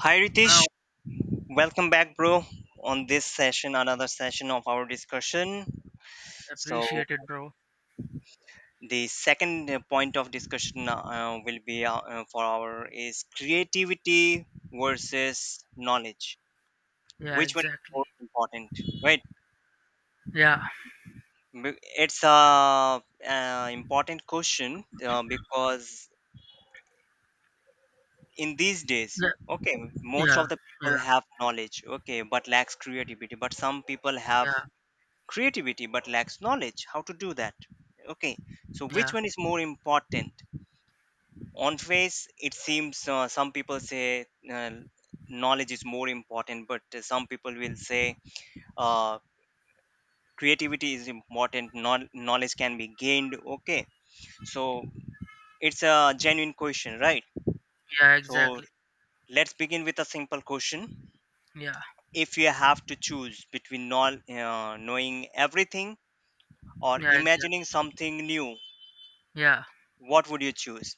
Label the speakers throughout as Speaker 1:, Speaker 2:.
Speaker 1: Hi Ritesh,
Speaker 2: Now
Speaker 1: welcome back, bro. On this session, another session of our discussion. So
Speaker 2: appreciate it, bro.
Speaker 1: the second point of discussion will be for our is creativity versus knowledge.
Speaker 2: Yeah,
Speaker 1: Which one is
Speaker 2: exactly.
Speaker 1: more important? Right?
Speaker 2: Yeah,
Speaker 1: B- It's a important question because in these days,
Speaker 2: yeah,
Speaker 1: okay, most
Speaker 2: yeah,
Speaker 1: of the people
Speaker 2: yeah,
Speaker 1: have knowledge, okay, but lacks creativity. But some people have
Speaker 2: yeah,
Speaker 1: creativity but lacks knowledge how to do that, okay, so which
Speaker 2: yeah,
Speaker 1: one is more important? On face it seems some people say uh, knowledge is more important, but some people will say uh, creativity is important, knowledge can be gained, okay. So it's a genuine question, right?
Speaker 2: yeah,
Speaker 1: So
Speaker 2: exactly.
Speaker 1: let's begin with a simple question.
Speaker 2: Yeah,
Speaker 1: If you have to choose between knowing everything or
Speaker 2: yeah,
Speaker 1: imagining
Speaker 2: exactly.
Speaker 1: something new,
Speaker 2: Yeah,
Speaker 1: what would you choose?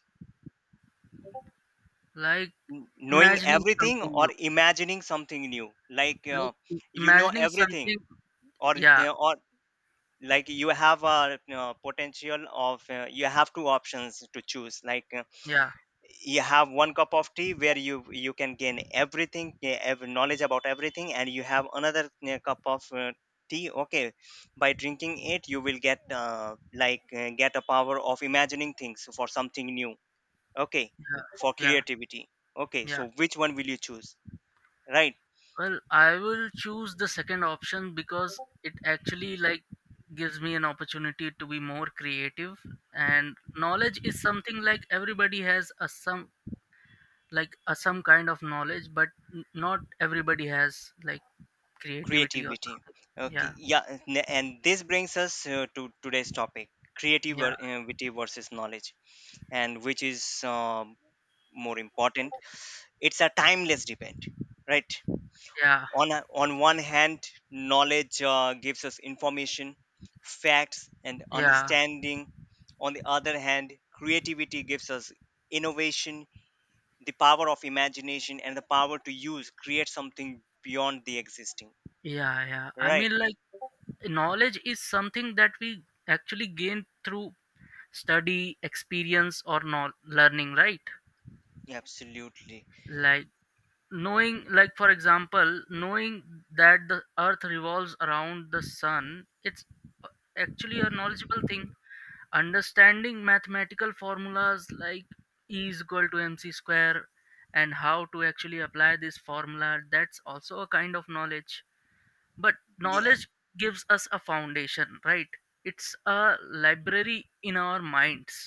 Speaker 2: like
Speaker 1: Knowing
Speaker 2: imagining
Speaker 1: everything
Speaker 2: something
Speaker 1: or
Speaker 2: new,
Speaker 1: imagining something new, like
Speaker 2: like
Speaker 1: you know
Speaker 2: imagining
Speaker 1: everything,
Speaker 2: something.
Speaker 1: or
Speaker 2: Yeah,
Speaker 1: you, or like you have a you potential of you have two options to choose, like
Speaker 2: yeah,
Speaker 1: you have one cup of tea where you can gain everything, knowledge about everything, and you have another cup of tea, okay, by drinking it you will get get a power of imagining things for something new, okay, for
Speaker 2: yeah, yeah,
Speaker 1: creativity, okay,
Speaker 2: yeah.
Speaker 1: so which one will you choose, right?
Speaker 2: Well, I will choose the second option because it actually like gives me an opportunity to be more creative, and knowledge is something like everybody has a some like some kind of knowledge, but not everybody has like creativity or
Speaker 1: Creativity,
Speaker 2: something.
Speaker 1: okay,
Speaker 2: Yeah,
Speaker 1: yeah, and this brings us to today's topic,
Speaker 2: yeah,
Speaker 1: creativity versus knowledge, and which is more important. It's a timeless debate, right?
Speaker 2: yeah,
Speaker 1: On one hand, knowledge gives us information, facts and
Speaker 2: yeah,
Speaker 1: understanding. On the other hand, creativity gives us innovation, the power of imagination and the power to use create something beyond the existing,
Speaker 2: yeah, yeah, I
Speaker 1: right?
Speaker 2: mean like knowledge is something that we actually gain through study, experience, or not learning, right?
Speaker 1: Absolutely.
Speaker 2: Like knowing, like for example, knowing that the earth revolves around the sun, it's uh, actually a knowledgeable thing. Understanding mathematical formulas like e is equal to mc square, and how to actually apply this formula, that's also a kind of knowledge. But
Speaker 1: Yeah,
Speaker 2: knowledge gives us a foundation, right? It's a library in our minds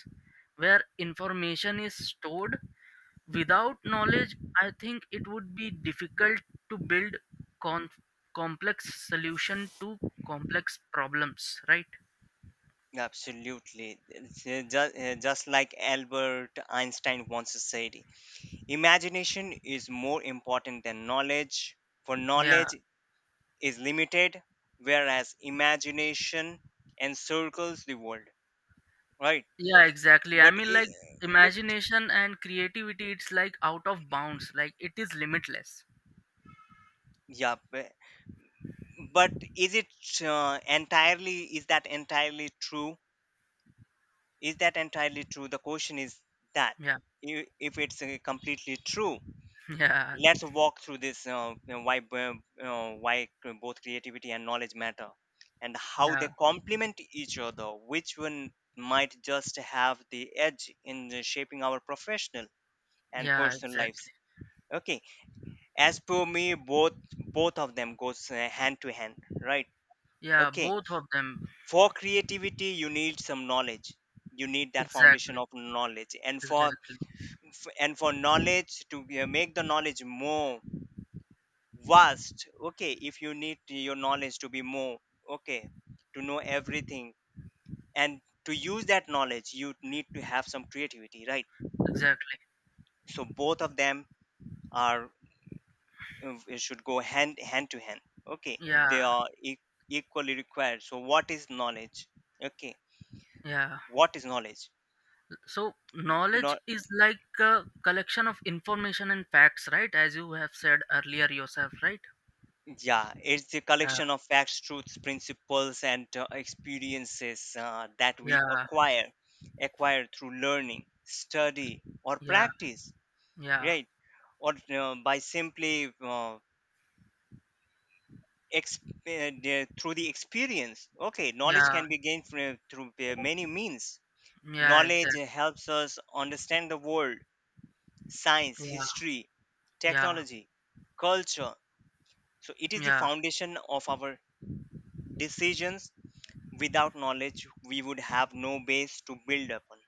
Speaker 2: where information is stored. Without knowledge, I think it would be difficult to build con- complex solution to complex problems, right?
Speaker 1: absolutely. Just, just like Albert Einstein once said, imagination is more important than knowledge, for
Speaker 2: Yeah.
Speaker 1: knowledge is limited, whereas imagination encircles the world, right?
Speaker 2: Yeah, exactly. I
Speaker 1: But,
Speaker 2: mean, like,
Speaker 1: I- but
Speaker 2: imagination and creativity, it's like out of bounds. Like, it is limitless.
Speaker 1: yeah, bu- But is it is that entirely true? Is that entirely true? The question is that
Speaker 2: Yeah,
Speaker 1: if it's completely true.
Speaker 2: yeah,
Speaker 1: Let's walk through this, you know, why b- why c- both creativity and knowledge matter and how they
Speaker 2: yeah,
Speaker 1: complement each other, which one might just have the edge in the shaping our professional and
Speaker 2: yeah,
Speaker 1: personal lives.
Speaker 2: exactly.
Speaker 1: Okay, as per me, both of them goes hand to hand, right?
Speaker 2: Yeah,
Speaker 1: Okay,
Speaker 2: both of them.
Speaker 1: for creativity you need some knowledge, you need that foundation
Speaker 2: Exactly,
Speaker 1: of knowledge, and
Speaker 2: exactly,
Speaker 1: and for knowledge to make the knowledge more vast, okay, if you need your knowledge to be more, okay, to know everything, and to use that knowledge you need to have some creativity, right?
Speaker 2: exactly.
Speaker 1: So both of them are, should go hand, hand to hand, okay, they
Speaker 2: Yeah,
Speaker 1: are equally required. So what is knowledge, okay,
Speaker 2: yeah.
Speaker 1: what is knowledge?
Speaker 2: So, knowledge is like a collection of information and facts, right? As you have said earlier yourself, right?
Speaker 1: Yeah, it's a
Speaker 2: Yeah,
Speaker 1: collection of facts, truths, principles, and experiences that
Speaker 2: yeah,
Speaker 1: acquire through learning, study, or
Speaker 2: yeah,
Speaker 1: practice,
Speaker 2: yeah,
Speaker 1: right? Or by simply through the experience. Okay, knowledge
Speaker 2: yeah,
Speaker 1: can be gained through many means.
Speaker 2: yeah,
Speaker 1: Knowledge
Speaker 2: exactly.
Speaker 1: helps us understand the world, science,
Speaker 2: Yeah,
Speaker 1: history,
Speaker 2: yeah,
Speaker 1: technology, culture. So it is the
Speaker 2: yeah,
Speaker 1: foundation of our decisions. Without knowledge we would have no base to build upon.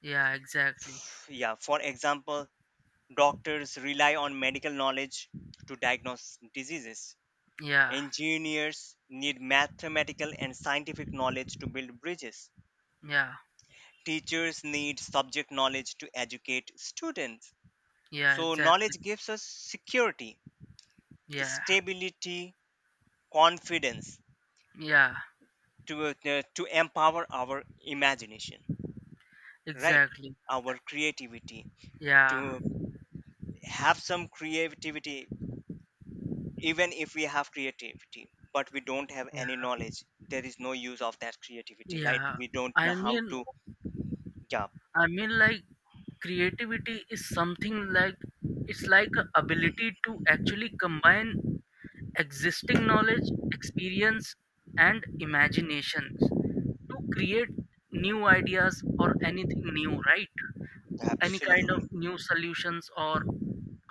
Speaker 2: yeah, exactly.
Speaker 1: Yeah, for example, doctors rely on medical knowledge to diagnose diseases,
Speaker 2: Yeah,
Speaker 1: engineers need mathematical and scientific knowledge to build bridges,
Speaker 2: yeah,
Speaker 1: teachers need subject knowledge to educate students.
Speaker 2: yeah,
Speaker 1: So
Speaker 2: exactly.
Speaker 1: knowledge gives us security,
Speaker 2: Yeah,
Speaker 1: stability, confidence
Speaker 2: yeah,
Speaker 1: to, to empower our imagination, right,
Speaker 2: exactly.
Speaker 1: our creativity,
Speaker 2: Yeah,
Speaker 1: to have some creativity. Even if we have creativity but we don't have any
Speaker 2: yeah,
Speaker 1: knowledge, there is no use of that creativity, right,
Speaker 2: yeah.
Speaker 1: we don't
Speaker 2: I
Speaker 1: know how
Speaker 2: mean,
Speaker 1: to. Yeah,
Speaker 2: I mean, like creativity is something like, it's like a ability to actually combine existing knowledge, experience, and imaginations to create new ideas or anything new, right? Any kind of
Speaker 1: absolutely.
Speaker 2: new solutions or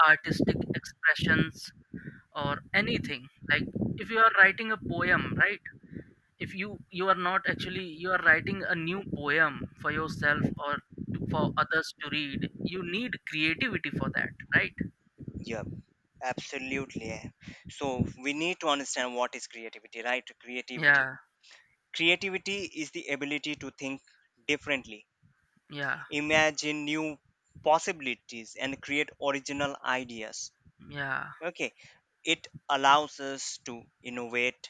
Speaker 2: artistic expressions, or anything like if you are writing a poem, right? If you are not actually, you are writing a new poem for yourself or to, for others to read, you need creativity for that, right?
Speaker 1: Yeah, absolutely yeah. So we need to understand what is creativity, right? Creativity,
Speaker 2: Yeah,
Speaker 1: creativity is the ability to think differently,
Speaker 2: yeah,
Speaker 1: imagine new possibilities and create original ideas,
Speaker 2: yeah,
Speaker 1: okay, it allows us to innovate,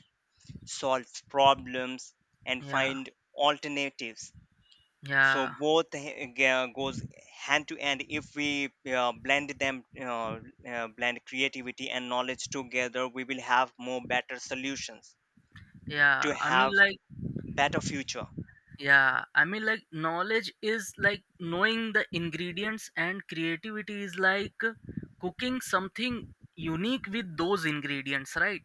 Speaker 1: solve problems, and
Speaker 2: yeah,
Speaker 1: find alternatives. So
Speaker 2: yeah,
Speaker 1: both goes hand to hand. If we blend creativity and knowledge together, we will have more better solutions
Speaker 2: yeah,
Speaker 1: to
Speaker 2: I mean
Speaker 1: have
Speaker 2: like,
Speaker 1: better future.
Speaker 2: yeah, I mean like, knowledge is like knowing the ingredients and creativity is like cooking something unique with those ingredients, right?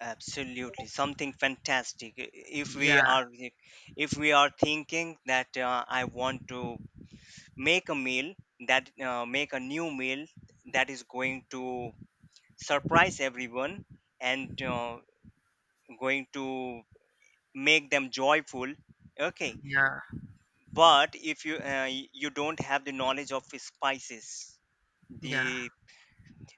Speaker 1: Absolutely, something fantastic.
Speaker 2: Yeah,
Speaker 1: If we are thinking that I want to make a meal, that make a new meal that is going to surprise everyone and going to make them joyful, okay,
Speaker 2: yeah,
Speaker 1: but if you don't have the knowledge of spices,
Speaker 2: yeah.
Speaker 1: the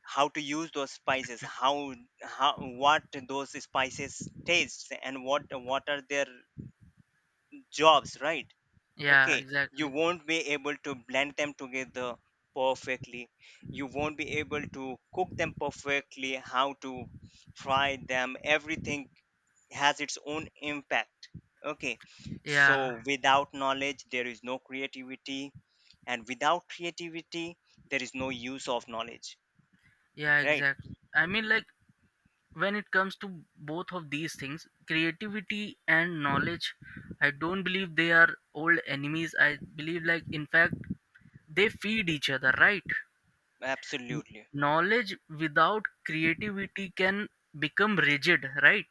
Speaker 1: how to use those spices, how what those spices taste and what are their jobs, right?
Speaker 2: Yeah,
Speaker 1: Okay, you
Speaker 2: exactly.
Speaker 1: won't be able to blend them together perfectly, you won't be able to cook them perfectly, how to fry them, everything has its own impact, okay.
Speaker 2: Yeah,
Speaker 1: So without knowledge there is no creativity, and without creativity there is no use of knowledge,
Speaker 2: yeah,
Speaker 1: right?
Speaker 2: exactly. I mean, like, when it comes to both of these things, creativity and knowledge, I don't believe they are old enemies. I believe, like, in fact, they feed each other, right? N-
Speaker 1: Absolutely.
Speaker 2: Knowledge without creativity can become rigid, right?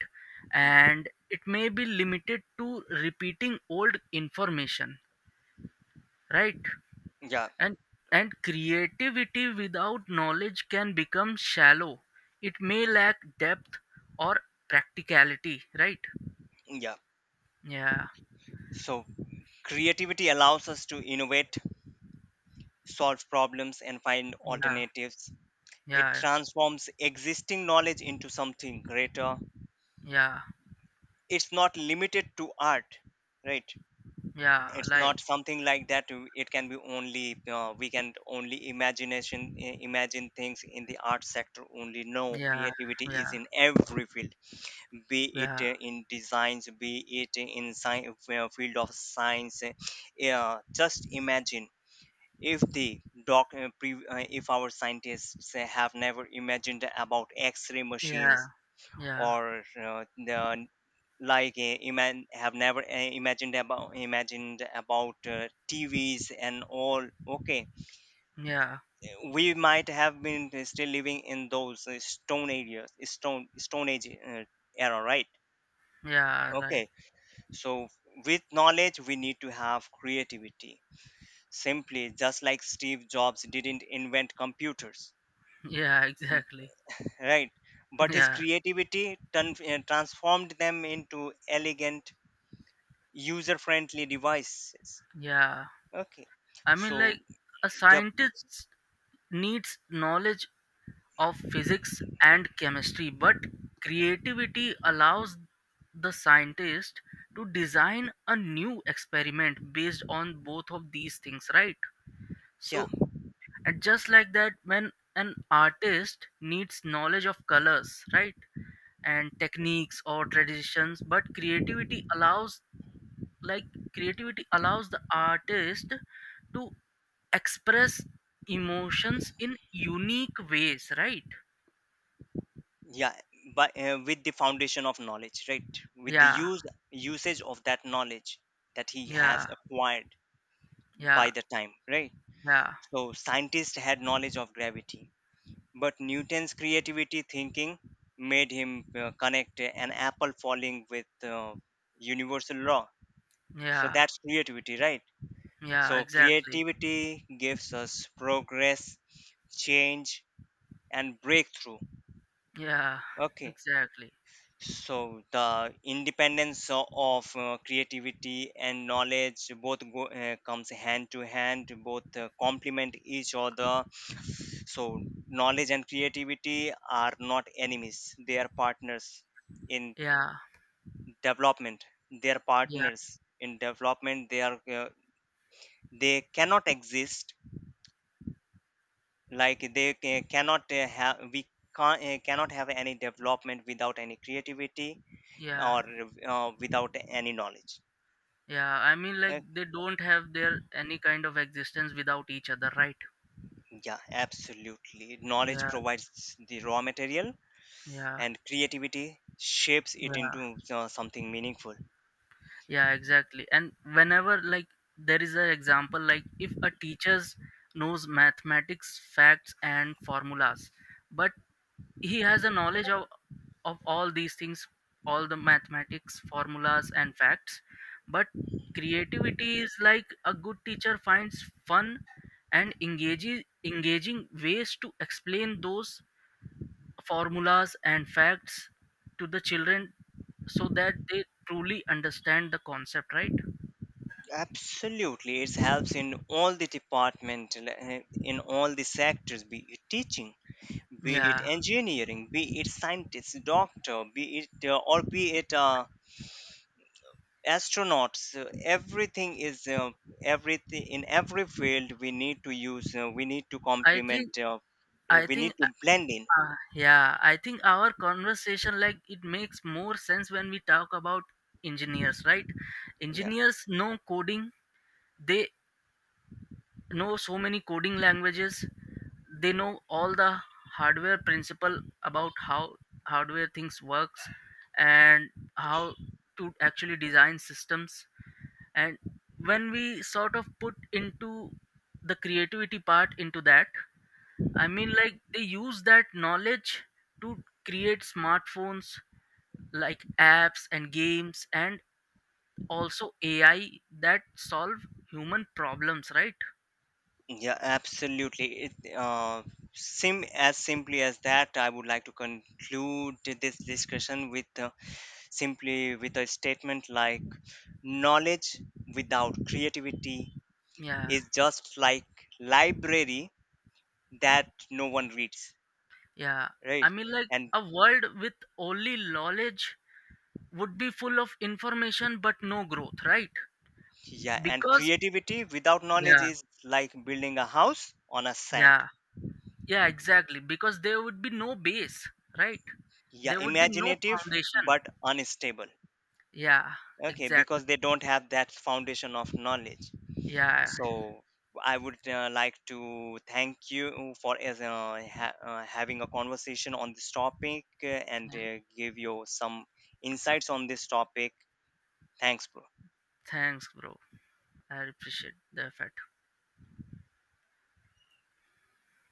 Speaker 1: Hmm.
Speaker 2: And it may be limited to repeating old information, right?
Speaker 1: Yeah.
Speaker 2: and and creativity without knowledge can become shallow, it may lack depth or practicality, right?
Speaker 1: Yeah,
Speaker 2: Yeah,
Speaker 1: so creativity allows us to innovate, solve problems and find
Speaker 2: yeah,
Speaker 1: alternatives. It
Speaker 2: yeah,
Speaker 1: transforms existing knowledge into something greater.
Speaker 2: yeah,
Speaker 1: It's not limited to art, right?
Speaker 2: yeah,
Speaker 1: It's
Speaker 2: like,
Speaker 1: not something like that. It can be only, we can only imagine things in the art sector only. No,
Speaker 2: yeah,
Speaker 1: creativity is
Speaker 2: yeah,
Speaker 1: in every field, be it
Speaker 2: yeah,
Speaker 1: in designs, be it in science, field of science. Yeah, just imagine if the if our scientists have never imagined about x-ray
Speaker 2: yeah,
Speaker 1: machines,
Speaker 2: yeah,
Speaker 1: or the, like iman have never imagined about TVs and all. Okay,
Speaker 2: yeah,
Speaker 1: we might have been still living in those stone age era, right?
Speaker 2: yeah, like,
Speaker 1: Okay, so with knowledge we need to have creativity. Simply, just like Steve Jobs didn't invent computers,
Speaker 2: yeah, exactly,
Speaker 1: right? But his
Speaker 2: yeah,
Speaker 1: creativity transformed them into elegant, user friendly devices,
Speaker 2: yeah,
Speaker 1: okay.
Speaker 2: I mean
Speaker 1: So
Speaker 2: like a
Speaker 1: yep.
Speaker 2: scientist needs knowledge of physics and chemistry, but creativity allows the scientist to design a new experiment based on both of these things, right?
Speaker 1: Yeah,
Speaker 2: So, and just like that, when an artist needs knowledge of colors, right? And techniques or traditions, but creativity allows, like creativity allows the artist to express emotions in unique ways, right?
Speaker 1: yeah, but with the foundation of knowledge, right, with the
Speaker 2: Yeah.
Speaker 1: use usage of that knowledge that he has
Speaker 2: Yeah,
Speaker 1: acquired by
Speaker 2: yeah,
Speaker 1: the time, right?
Speaker 2: yeah,
Speaker 1: So scientists had knowledge of gravity, but Newton's creativity thinking made him connect an apple falling with universal law. So
Speaker 2: yeah,
Speaker 1: that's creativity, right? So
Speaker 2: yeah, exactly.
Speaker 1: creativity gives us progress, change and breakthrough,
Speaker 2: Yeah,
Speaker 1: okay.
Speaker 2: exactly.
Speaker 1: So the independence of creativity and knowledge both go, comes hand to hand, both complement each other. So knowledge and creativity are not enemies, they are partners in
Speaker 2: Yeah,
Speaker 1: development, they are
Speaker 2: yeah,
Speaker 1: partners in development, they are, they cannot exist, like they cannot have any development without any creativity
Speaker 2: yeah,
Speaker 1: or without any knowledge.
Speaker 2: yeah. I mean, like,
Speaker 1: Uh,
Speaker 2: they don't have their any kind of existence without each other, right?
Speaker 1: yeah, absolutely. Knowledge
Speaker 2: Yeah,
Speaker 1: provides the raw material,
Speaker 2: yeah,
Speaker 1: and creativity shapes it
Speaker 2: yeah,
Speaker 1: into something meaningful.
Speaker 2: yeah, exactly. And whenever, like, there is an example, like, if a teacher knows mathematics, facts, and formulas, but he has a knowledge of all these things, all the mathematics formulas and facts, but creativity is like a good teacher finds fun and engages engaging ways to explain those formulas and facts to the children, so that they truly understand the concept, right?
Speaker 1: Absolutely, it helps in all the department, in all the sectors, be it teaching, be it
Speaker 2: Yeah,
Speaker 1: engineering, be it scientist, doctor, be it, astronauts, everything in every field we need to use, we need to
Speaker 2: i
Speaker 1: complement,
Speaker 2: think i
Speaker 1: we need
Speaker 2: think
Speaker 1: to blend in.
Speaker 2: uh, yeah, I think our conversation like it makes more sense when we talk about engineers, right?
Speaker 1: Yeah,
Speaker 2: Engineers know coding, they know so many coding languages, they know all the hardware principle about how hardware things works, and how to actually design systems, and when we sort of put into the creativity part into that, I mean, like they use that knowledge to create smartphones, like apps and games, and also AI that solve human problems, right?
Speaker 1: yeah, absolutely it, sim as simply as that I would like to conclude this discussion with, simply with a statement like knowledge without creativity
Speaker 2: Yeah,
Speaker 1: is just like library that no one reads,
Speaker 2: yeah. I
Speaker 1: right?
Speaker 2: mean, like
Speaker 1: And
Speaker 2: a world with only knowledge would be full of information but no growth, right?
Speaker 1: yeah, and
Speaker 2: Because,
Speaker 1: creativity without knowledge
Speaker 2: yeah,
Speaker 1: is like building a house on a sand.
Speaker 2: yeah, yeah, exactly. Because there would be no base, right?
Speaker 1: Yeah,
Speaker 2: There would be no
Speaker 1: imaginative
Speaker 2: foundation.
Speaker 1: but unstable.
Speaker 2: Yeah,
Speaker 1: Okay,
Speaker 2: exactly.
Speaker 1: because they don't have that foundation of knowledge.
Speaker 2: Yeah.
Speaker 1: So I would like to thank you for, having a conversation on this topic and give you some insights on this topic. Thanks, bro.
Speaker 2: Thanks, bro. I appreciate the effort.